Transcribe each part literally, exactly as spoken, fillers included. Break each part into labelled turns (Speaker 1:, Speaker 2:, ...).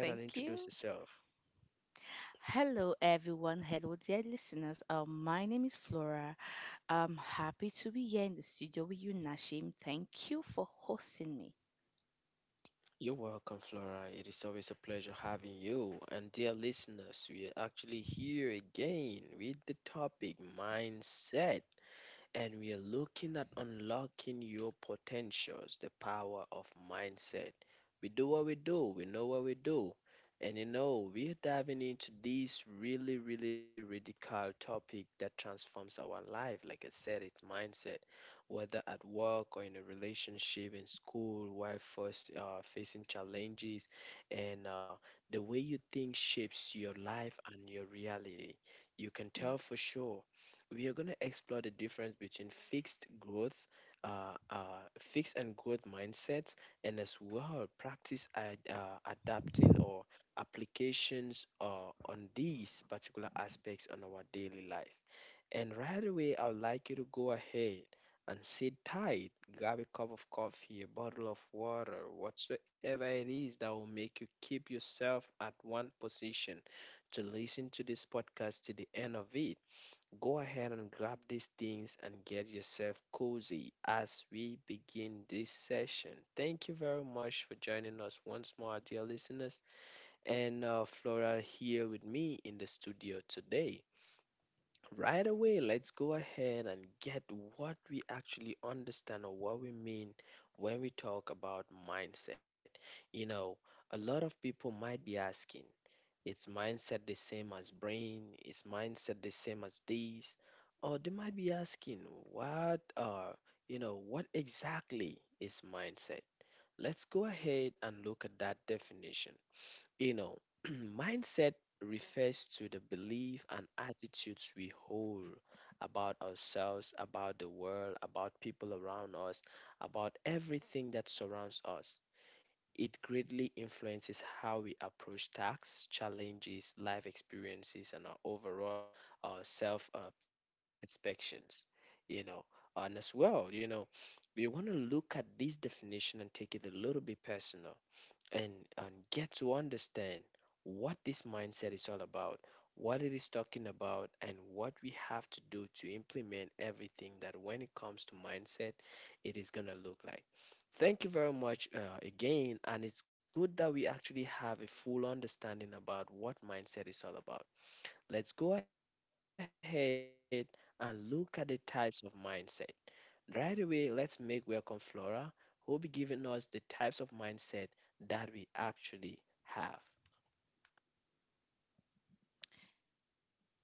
Speaker 1: Thank you. Hello, everyone. Hello, dear listeners. Um, my name is Flora. I'm happy to be here in the studio with you, Nashim. Thank you for hosting me. Yeah.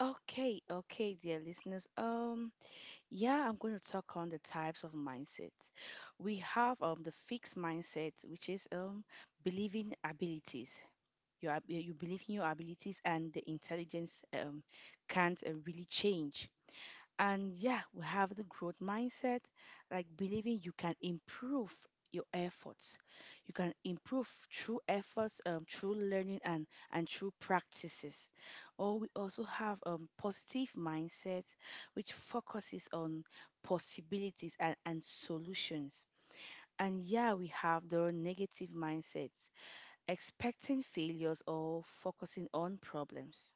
Speaker 1: Okay, okay, dear listeners. Um, yeah, I'm going to talk on the types of mindset. We have um the fixed mindset, which is um believing abilities. You are, you believe in your abilities, and the intelligence um can't uh, really change. And yeah, we have the growth mindset, like believing you can improve your efforts, you can improve through efforts, um, through learning and and through practices. Or we also have um, positive mindset, which focuses on possibilities and, and solutions. And yeah, we have the negative mindsets, expecting failures or focusing on problems.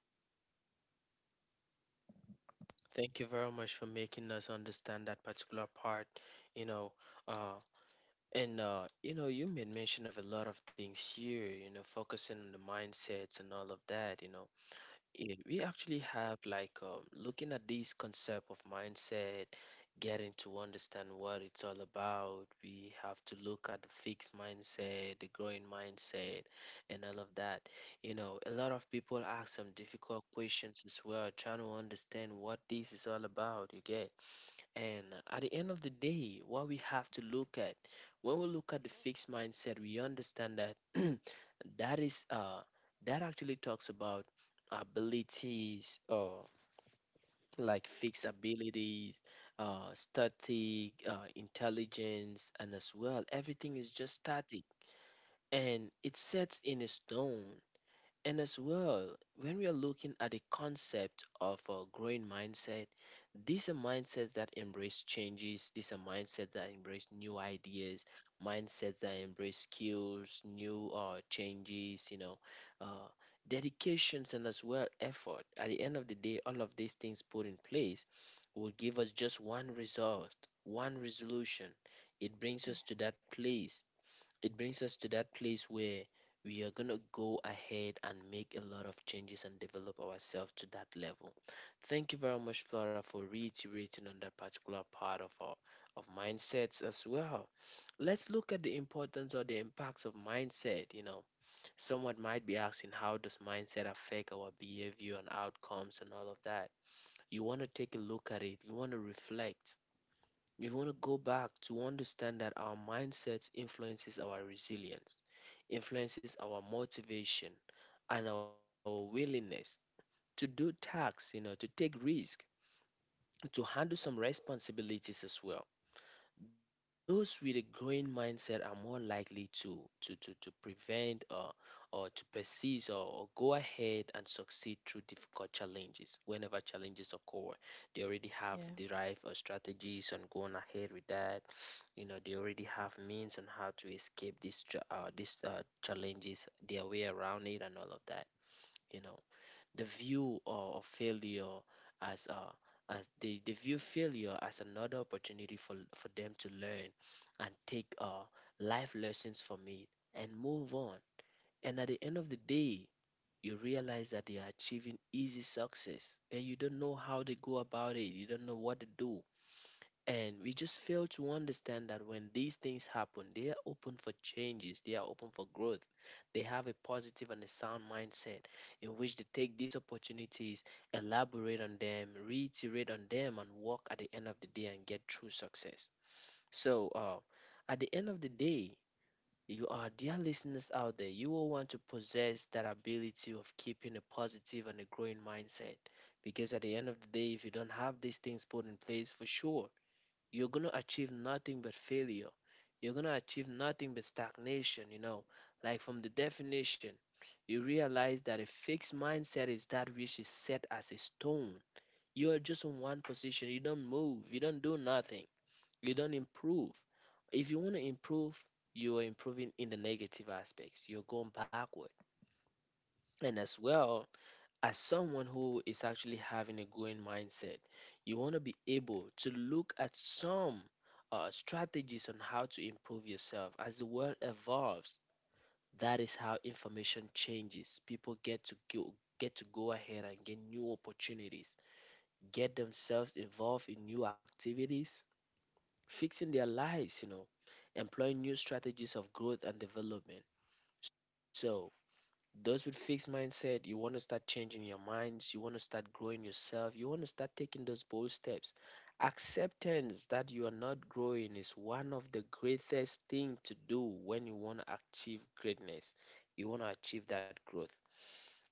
Speaker 1: Yeah. Yeah.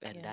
Speaker 1: Yeah.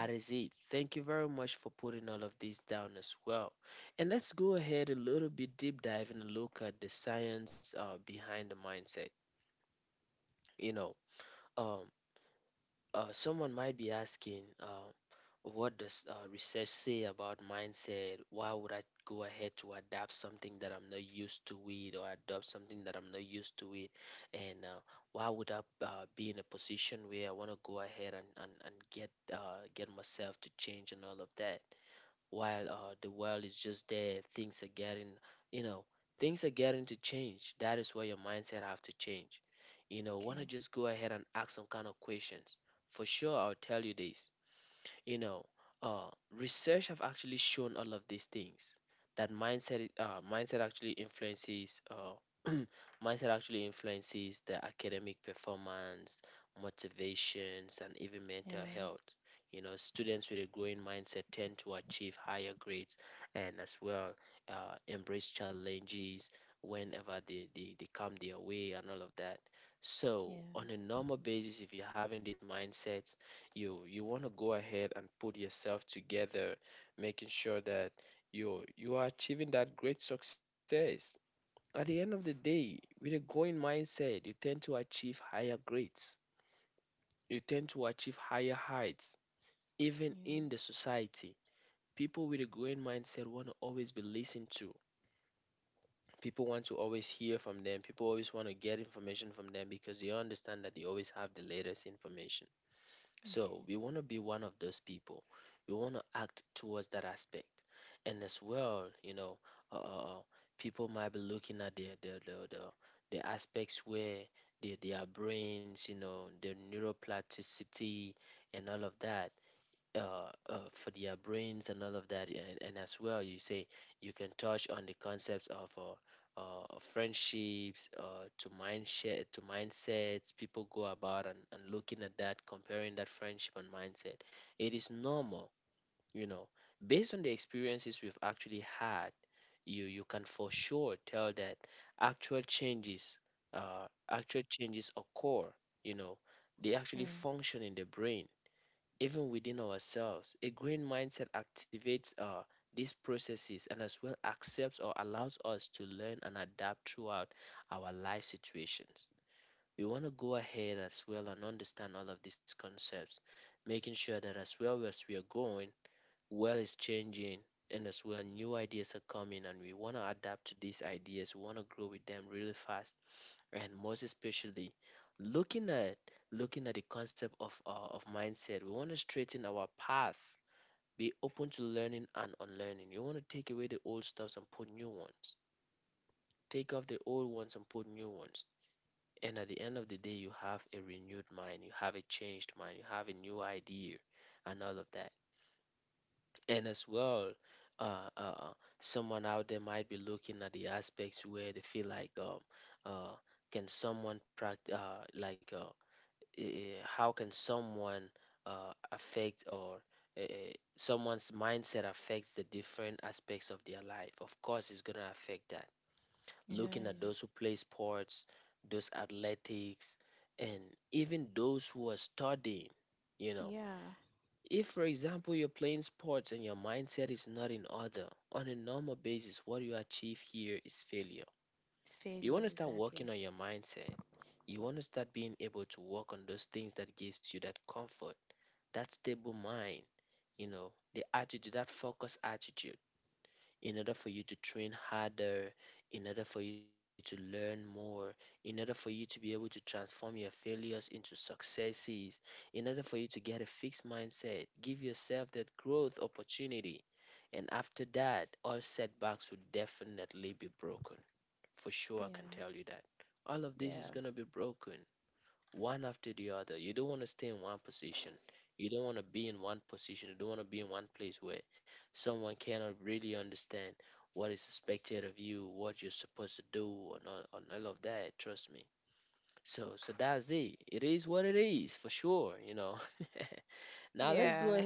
Speaker 1: Okay. Yeah. Yeah. Yeah. Okay. Yeah. Yeah. Yeah. Yeah. It's failure, exactly. Yeah. Yeah. Yeah.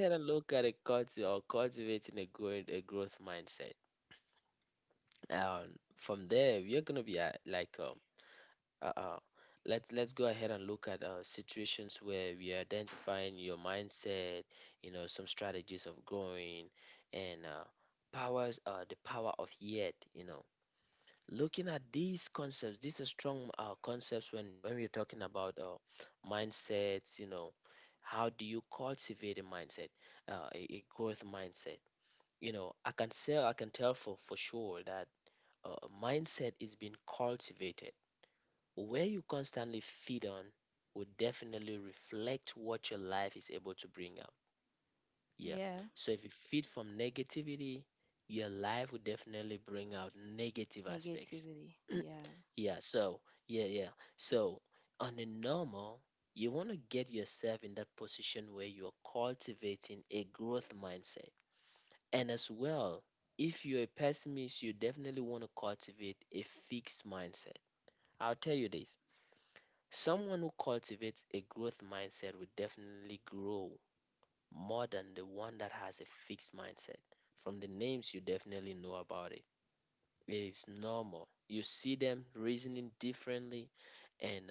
Speaker 1: Yeah. Negativity. Yeah.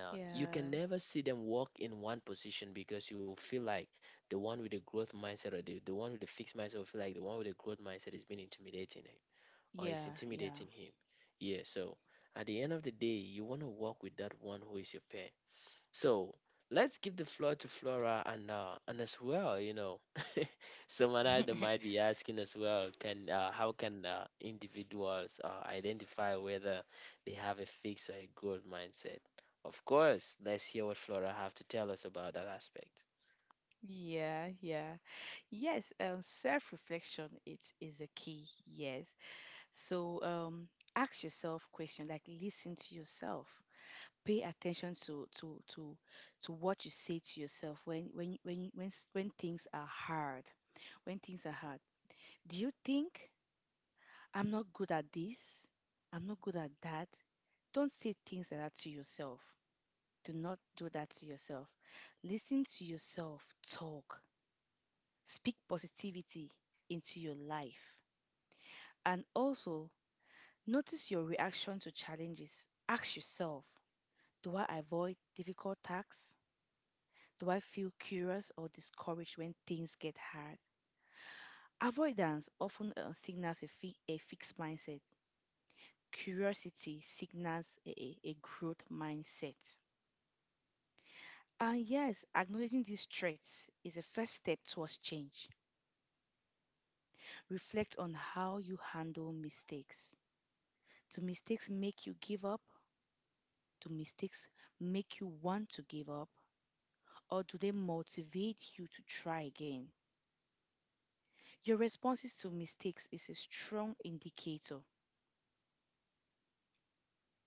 Speaker 1: Yeah. Yeah. Yeah. Yeah. Yeah. Yes. Um, self-reflection. It is a key. Yes. So, um, ask yourself question. Like, listen to yourself. Pay attention to to to to what you say to yourself when when when when s- when things are hard when things are hard Do you think, I'm not good at this? I'm not good at that? Don't say things like that to yourself. Do not do that to yourself. Listen to yourself talk. Speak positivity into your life. And also, notice your reaction to challenges. Ask yourself, do I avoid difficult tasks? Do I feel curious or discouraged when things get hard? Avoidance often uh, signals a, fi- a fixed mindset. Curiosity signals a, a a growth mindset. And yes, acknowledging these threats is a first step towards change. Reflect on how you handle mistakes. Do mistakes make you give up? Do mistakes make you want to give up? Or do they motivate you to try again? Your responses to mistakes is a strong indicator.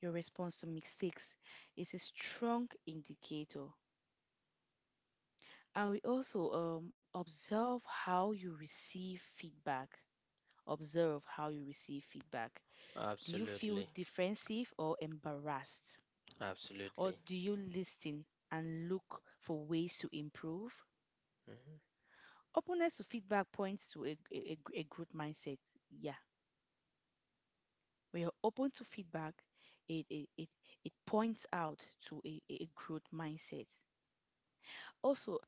Speaker 1: Your response to mistakes is a strong indicator I will also um, observe how you receive feedback. Observe how you receive feedback. Do you feel defensive or embarrassed? Or do you listen and look for ways to improve? Openness to feedback points to a, a, a a growth mindset. Yeah. When you're open to feedback, it, it, it, it points out to a, a a growth mindset. Also,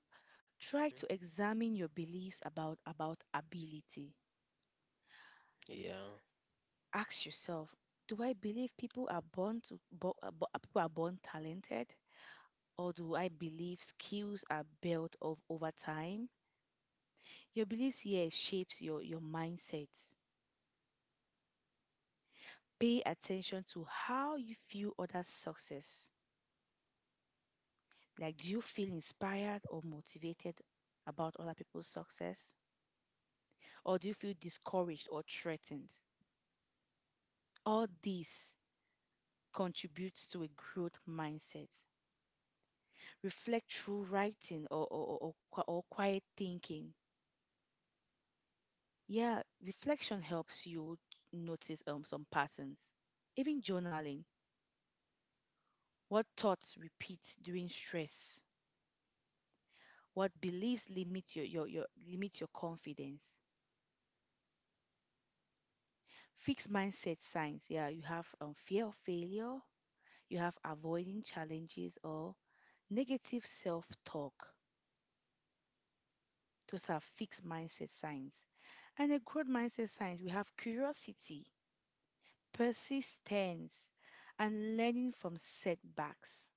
Speaker 1: try to examine your beliefs about, about ability. Ask yourself, do I believe people are born to bo- uh, bo- uh, people are born talented, or do I believe skills are built of over time? Your beliefs here shapes your your mindset. Pay attention to how you feel other success. Like, do you feel inspired or motivated about other people's success, or do you feel discouraged or threatened? All this contributes to a growth mindset. Reflect through writing or or, or, or qui- or quiet thinking. Yeah, reflection helps you notice um some patterns. Even journaling, what thoughts repeat during stress, what beliefs limit your your, your limit your confidence. Fixed mindset signs. Yeah, you have um, fear of failure, you have avoiding challenges or negative self-talk. Those are fixed mindset signs. And a growth mindset signs, we have curiosity, persistence, and learning from setbacks.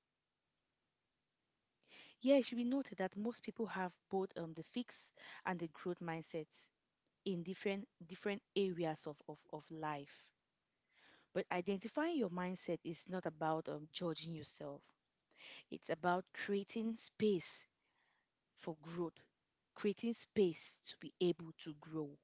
Speaker 1: Yeah, it should be noted that most people have both, um, the fix and the growth mindsets, in different different areas of, of, of life. But identifying your mindset is not about um, judging yourself. It's about creating space for growth, creating space to be able to grow.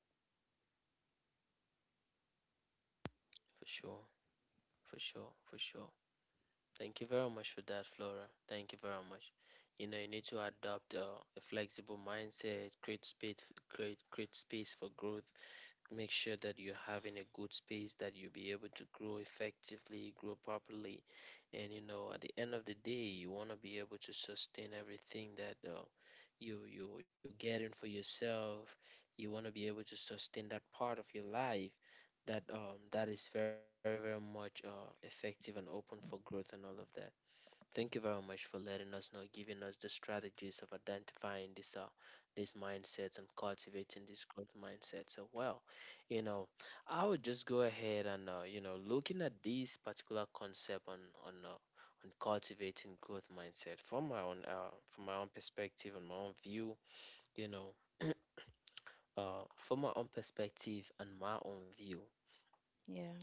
Speaker 1: Yeah.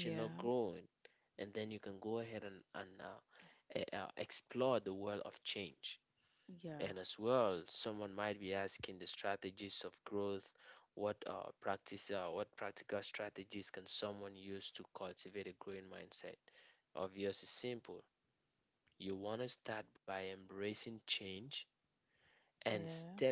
Speaker 1: Yeah. Yeah. Yeah.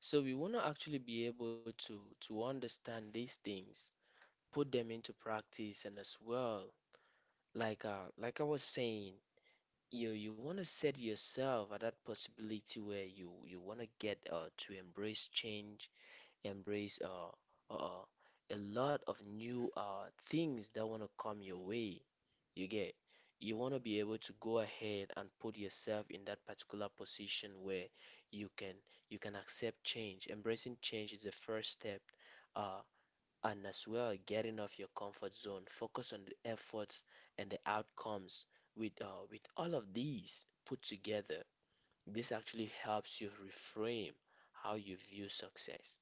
Speaker 2: So we want to actually be able to to understand these things, put them into practice, and as well, like uh, like I was saying, you you want to set yourself at that possibility where you you want to get uh, to embrace change embrace uh, uh, uh, a lot of new uh, things that want to come your way. You get, you want to be able to go ahead and put yourself in that particular position where you can you can accept change. Embracing change is the first step, uh, and as well getting off your comfort zone. Focus on the efforts and the outcomes with uh, with all of these put together. This actually helps you reframe how you view success.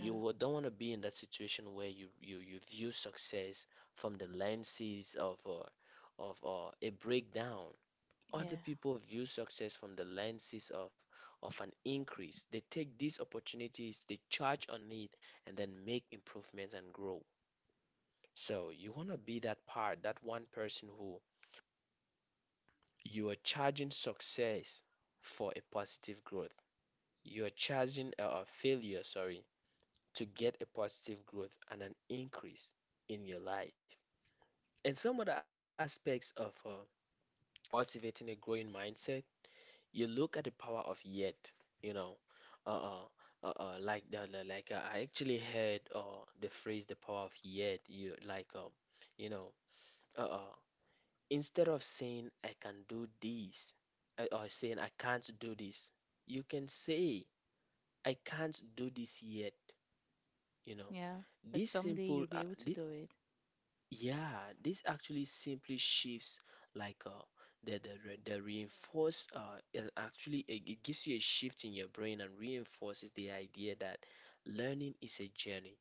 Speaker 2: You wa- don't want to be in that situation where you, you, you view success from the lenses of uh, of uh, a breakdown. Other
Speaker 1: Yeah.
Speaker 2: people view success from the lenses of of an increase. They take these opportunities, they charge on it, and then make improvements and grow. So you want to be that part, that one person who you are charging success for a positive growth. You are charging a uh, failure, sorry, to get a positive growth and an increase in your life. And some other aspects of uh, cultivating a growing mindset, you look at the power of yet, you know, uh, uh, uh, uh, like the, the- like uh, I actually heard uh, the phrase the power of yet, you like um, you know, uh, uh, instead of saying I can do this uh, or saying I can't do this, you can say I can't do this yet, you know.
Speaker 1: Yeah. But
Speaker 2: This
Speaker 1: someday
Speaker 2: simple,
Speaker 1: you'll be
Speaker 2: uh,
Speaker 1: able to
Speaker 2: thi-
Speaker 1: do it.
Speaker 2: Yeah, this actually simply shifts like uh, the the re- the reinforce uh and actually it, it gives you a shift in your brain and reinforces the idea that learning is a journey.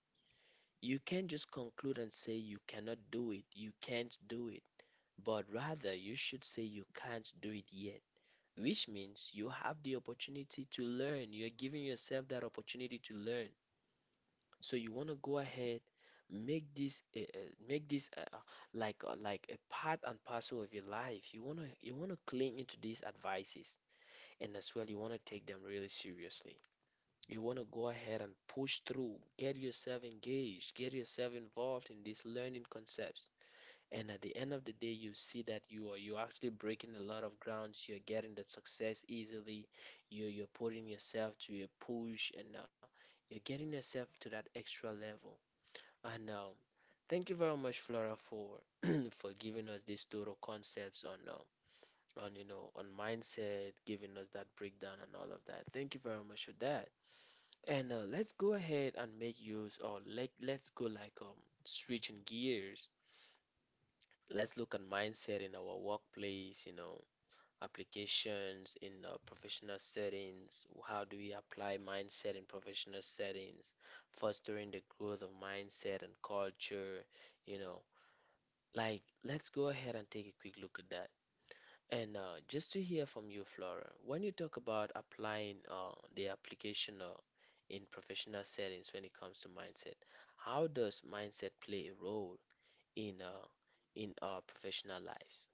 Speaker 2: You can't just conclude and say you cannot do it, you can't do it, but rather you should say you can't do it yet, which means you have the opportunity to learn. You're giving yourself that opportunity to learn. So you want to go ahead, make this uh, uh, make this uh, uh, like uh, like a part and parcel of your life. You want to you want to cling into these advices, and as well you want to take them really seriously. You want to go ahead and push through, get yourself engaged, get yourself involved in these learning concepts. And at the end of the day, you see that you are you're actually breaking a lot of grounds. You're getting that success easily. You you're putting yourself to a push, and uh, you're getting yourself to that extra level. I know. Thank you very much, Flora, for for giving us these thorough concepts on uh, on you know on mindset, giving us that breakdown and all of that. Thank you very much for that. And uh, Let's go ahead and make use or like let's go like um switching gears. Let's look at mindset in our workplace, you know, applications in uh, professional settings. How do we apply mindset in professional settings? Fostering the growth of mindset and culture, you know. Like, let's go ahead and take a quick look at that. And uh, Just to hear from you, Flora, when you talk about applying uh, the application uh, in professional settings when it comes to mindset, how does mindset play a role in uh, in our professional lives?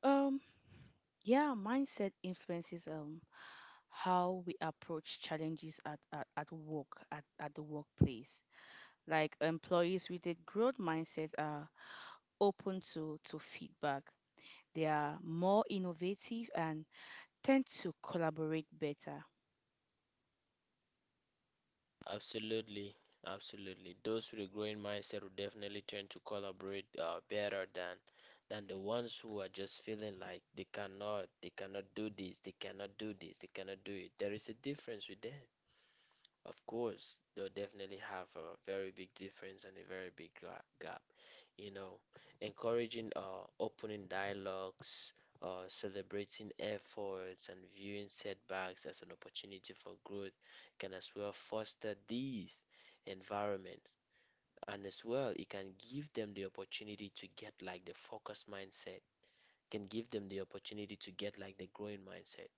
Speaker 1: Um, yeah, mindset influences um how we approach challenges at, at, at work, at, at the workplace. Like, employees with a growth mindset are open to, to feedback. They are more innovative and tend to collaborate better.
Speaker 2: Absolutely, absolutely. Those with a growing mindset will definitely tend to collaborate uh, better than than the ones who are just feeling like they cannot, they cannot do this, they cannot do this, they cannot do it. There is a difference with them. Of course, they'll definitely have a very big difference and a very big gra- gap. You know, encouraging uh, opening dialogues, uh, celebrating efforts, and viewing setbacks as an opportunity for growth can as well foster these environments. And as well, it can give them the opportunity to get like the focus mindset, can give them the opportunity to get like the growing mindset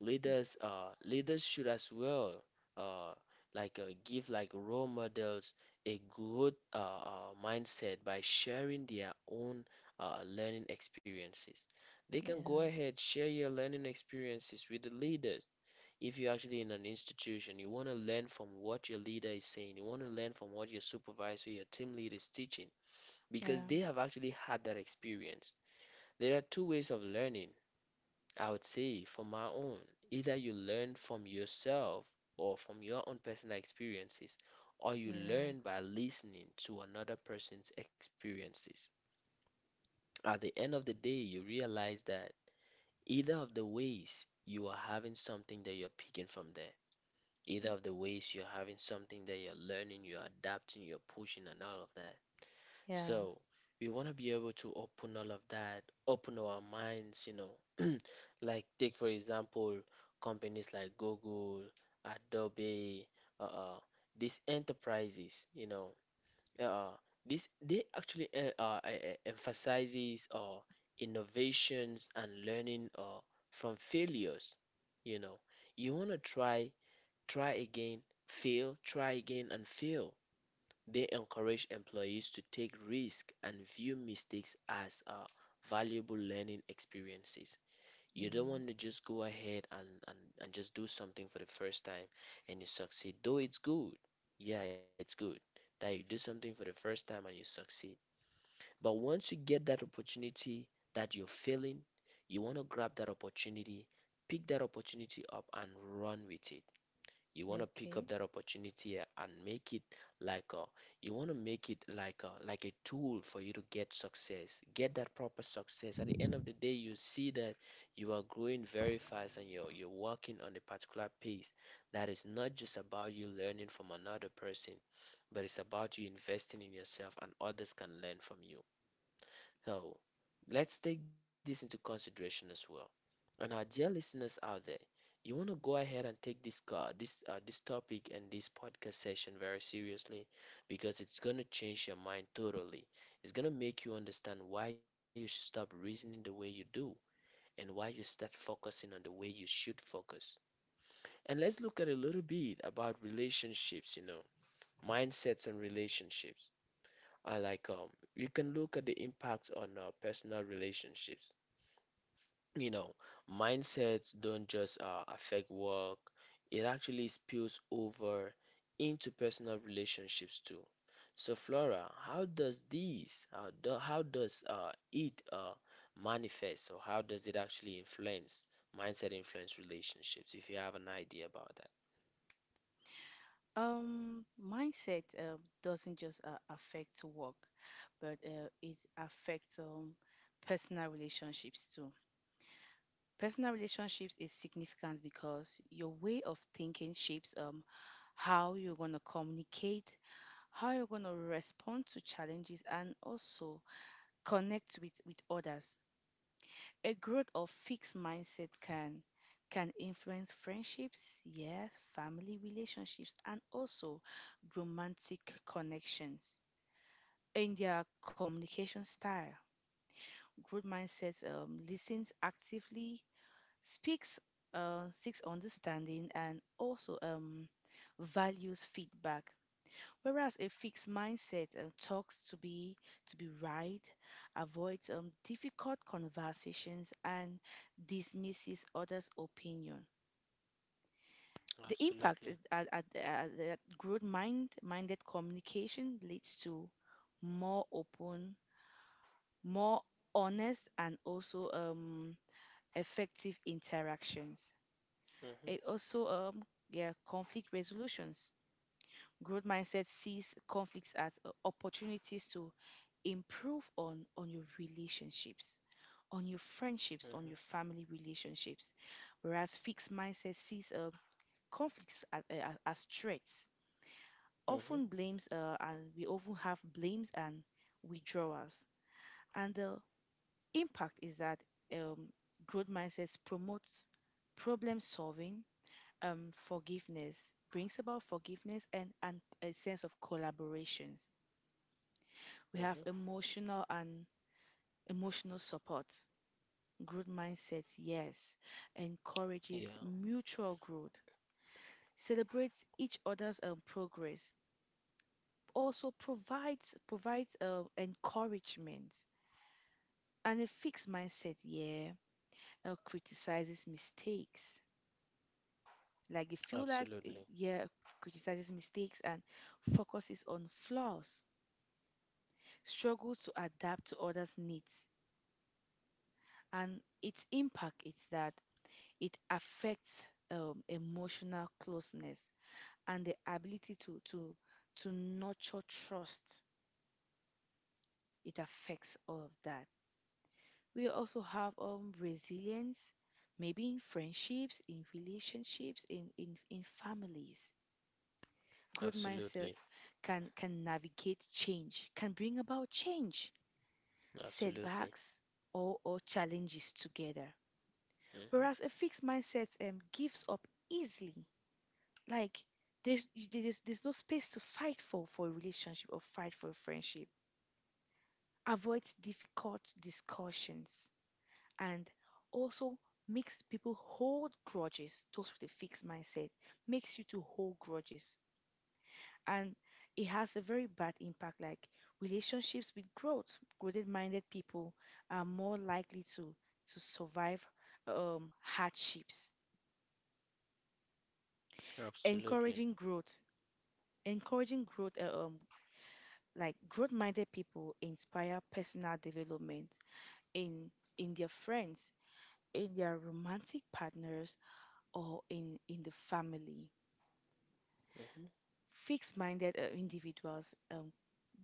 Speaker 2: leaders uh leaders should as well uh like uh, give like role models a good uh, uh, mindset by sharing their own uh, learning experiences. They can go
Speaker 1: Yeah.
Speaker 2: ahead share your learning experiences with the leaders. If you're actually in an institution you want to learn from what your leader is saying. You want to learn from what your supervisor your team leader is teaching because
Speaker 1: Yeah.
Speaker 2: they have actually had that experience. There are two ways of learning I would say for my own, either you learn from yourself or from your own personal experiences, or you
Speaker 1: Yeah.
Speaker 2: learn by listening to another person's experiences. At the end of the day, you realize that either of the ways you are having something that you're picking from there, either of the ways you're having something that you're learning, you're adapting, you're pushing, and all of that.
Speaker 1: Yeah.
Speaker 2: So we want to be able to open all of that, open our minds, you know. Like take for example companies like Google, Adobe, uh, uh these enterprises, you know, uh, uh, this they actually uh, uh, e- e- emphasizes uh innovations and learning uh from failures, you know. You want to try, try again, fail, try again and fail. They encourage employees to take risks and view mistakes as uh, valuable learning experiences. You don't
Speaker 1: Yeah.
Speaker 2: want to just go ahead and, and, and just do something for the first time and you succeed, though it's good. Yeah, it's good that you do something for the first time and you succeed. But once you get that opportunity that you're failing, you want to grab that opportunity, pick that opportunity up and run with it. You
Speaker 1: Yeah.
Speaker 2: want to pick
Speaker 1: Okay.
Speaker 2: up that opportunity and make it like a, you want to make it like a, like a tool for you to get success, get that proper success. At the end of the day, you see that you are growing very fast and you're you're working on a particular pace that is not just about you learning from another person, but it's about you investing in yourself and others can learn from you. So, let's take this into consideration as well. And our dear listeners out there, you want to go ahead and take this car, this uh, this topic and this podcast session very seriously because it's going to change your mind totally. It's going to make you understand why you should stop reasoning the way you do and why you start focusing on the way you should focus. And let's look at a little bit about relationships, you know, mindsets and relationships. I like um You can look at the impact on uh, personal relationships. You know, mindsets don't just uh, affect work, it actually spills over into personal relationships too. So, Flora, how does these, how, do, how does uh, it uh, manifest, or how does it actually influence mindset influence relationships, if you have an idea about that?
Speaker 1: Um, mindset uh, doesn't just uh, affect work, but uh, it affects um, personal relationships too. Personal relationships is significant because your way of thinking shapes um, how you're going to communicate, how you're going to respond to challenges, and also connect with, with others. A growth or fixed mindset can can influence friendships, yes, family relationships, and also romantic connections. In their communication style, growth mindset um, listens actively, speaks, uh, seeks understanding, and also um, values feedback. Whereas a fixed mindset um, talks to be to be right, avoids um, difficult conversations, and dismisses others' opinion. The
Speaker 2: Absolutely.
Speaker 1: impact is at, at, at that growth mind minded communication leads to more open, more honest, and also um, effective interactions.
Speaker 2: Mm-hmm,
Speaker 1: It also um, yeah, conflict resolutions. Growth mindset sees conflicts as o- opportunities to improve on on your relationships, on your
Speaker 2: mm-hmm,
Speaker 1: friendships, on your family relationships, whereas fixed mindset sees uh, conflicts as, uh, as threats.
Speaker 2: mm-hmm,
Speaker 1: Often blames uh, and we often have blames and withdrawals. And the impact is that um, growth mindset promotes problem solving, um, forgiveness, brings about forgiveness and, and a sense of collaborations.
Speaker 2: mm-hmm.
Speaker 1: We have emotional and emotional support. Growth mindset, yes,
Speaker 2: Yeah,
Speaker 1: encourages mutual growth, celebrates each other's um, progress, also provides provides uh, encouragement. And a fixed mindset, yeah, uh, criticizes mistakes. Like if you like,
Speaker 2: absolutely,
Speaker 1: uh, yeah, criticizes mistakes and focuses on flaws, struggles to adapt to others' needs. And its impact is that it affects um, emotional closeness and the ability to to to nurture trust. It affects all of that. We also have um resilience, maybe in friendships, in relationships, in in, in families. Growth
Speaker 2: absolutely,
Speaker 1: mindsets can can navigate change, can bring about change,
Speaker 2: absolutely,
Speaker 1: setbacks, or, or challenges together.
Speaker 2: mm-hmm,
Speaker 1: Whereas a fixed mindset um, gives up easily. Like, there's y- there's there's no space to fight for for a relationship or fight for a friendship. Avoids difficult discussions and also makes people hold grudges. Those with a fixed mindset makes you to hold grudges, and it has a very bad impact. Like, relationships with growth, growth-minded people are more likely to to survive um, hardships.
Speaker 2: absolutely.
Speaker 1: Encouraging growth, encouraging growth, uh, um, like growth-minded people inspire personal development in in their friends, in their romantic partners, or in in the family.
Speaker 2: Mm-hmm,
Speaker 1: Fixed-minded uh, individuals um,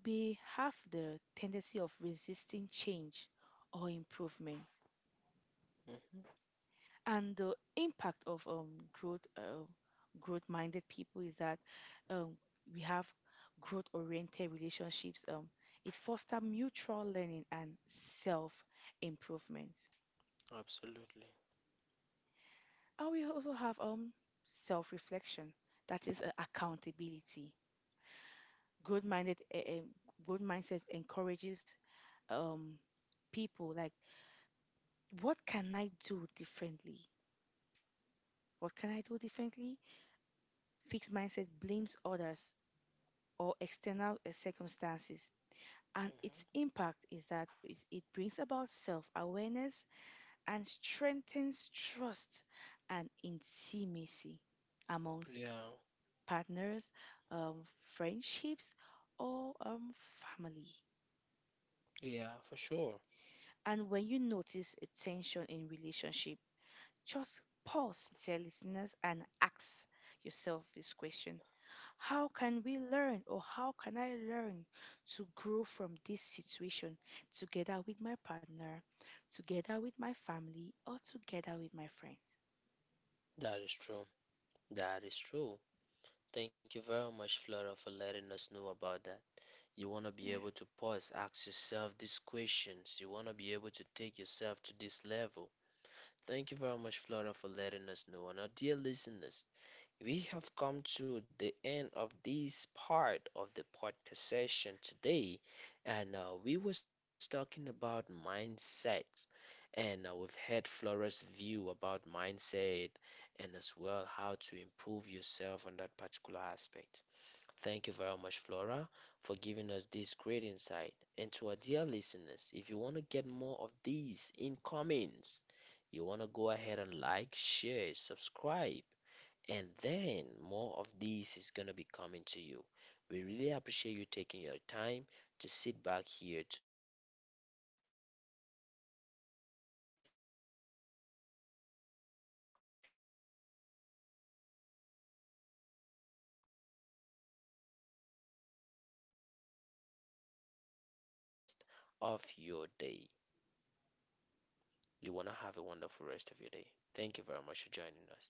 Speaker 1: may have the tendency of resisting change or improvement, and the impact of um, growth uh, growth minded people is that um, we have growth oriented relationships. um, it fosters mutual learning and self improvement,
Speaker 2: absolutely.
Speaker 1: and we also have um, self reflection, that is uh, accountability. growth minded uh, growth mindset encourages um, people, like, what can I do differently? what can i do differently fixed mindset blames others or external uh, circumstances. And its
Speaker 2: Mhm.
Speaker 1: impact is that is- it brings about self awareness and strengthens trust and intimacy amongst
Speaker 2: Yeah,
Speaker 1: partners, um, friendships, or um, family.
Speaker 2: yeah, for sure.
Speaker 1: And when you notice a tension in relationship, just pause, dear listeners, and ask yourself this question: how can we learn, or how can I learn to grow from this situation together with my partner, together with my family, or together with my friends?
Speaker 2: That is true. That is true. Thank you very much, Flora, for letting us know about that. You want to be
Speaker 1: Yeah.
Speaker 2: able to pause, ask yourself these questions. You want to be able to take yourself to this level. Thank you very much, Flora, for letting us know. And our dear listeners, we have come to the end of this part of the podcast session today, and uh, we was talking about mindsets, and uh, we've had Flora's view about mindset, and as well how to improve yourself on that particular aspect. Thank you very much, Flora, for giving us this great insight. And to our dear listeners, if you want to get more of these in comments, you want to go ahead and like, share, subscribe and then more of these is going to be coming to you. We really appreciate you taking your time to sit back here to learn and as well to shape your lives. Thank you very much for joining us today. And without any other one, I want to say, Flora, thank you very much for joining us today in this podcast session. And you do have a wonderful rest of your day. You want to have a wonderful rest of your day. Thank you very much for joining us.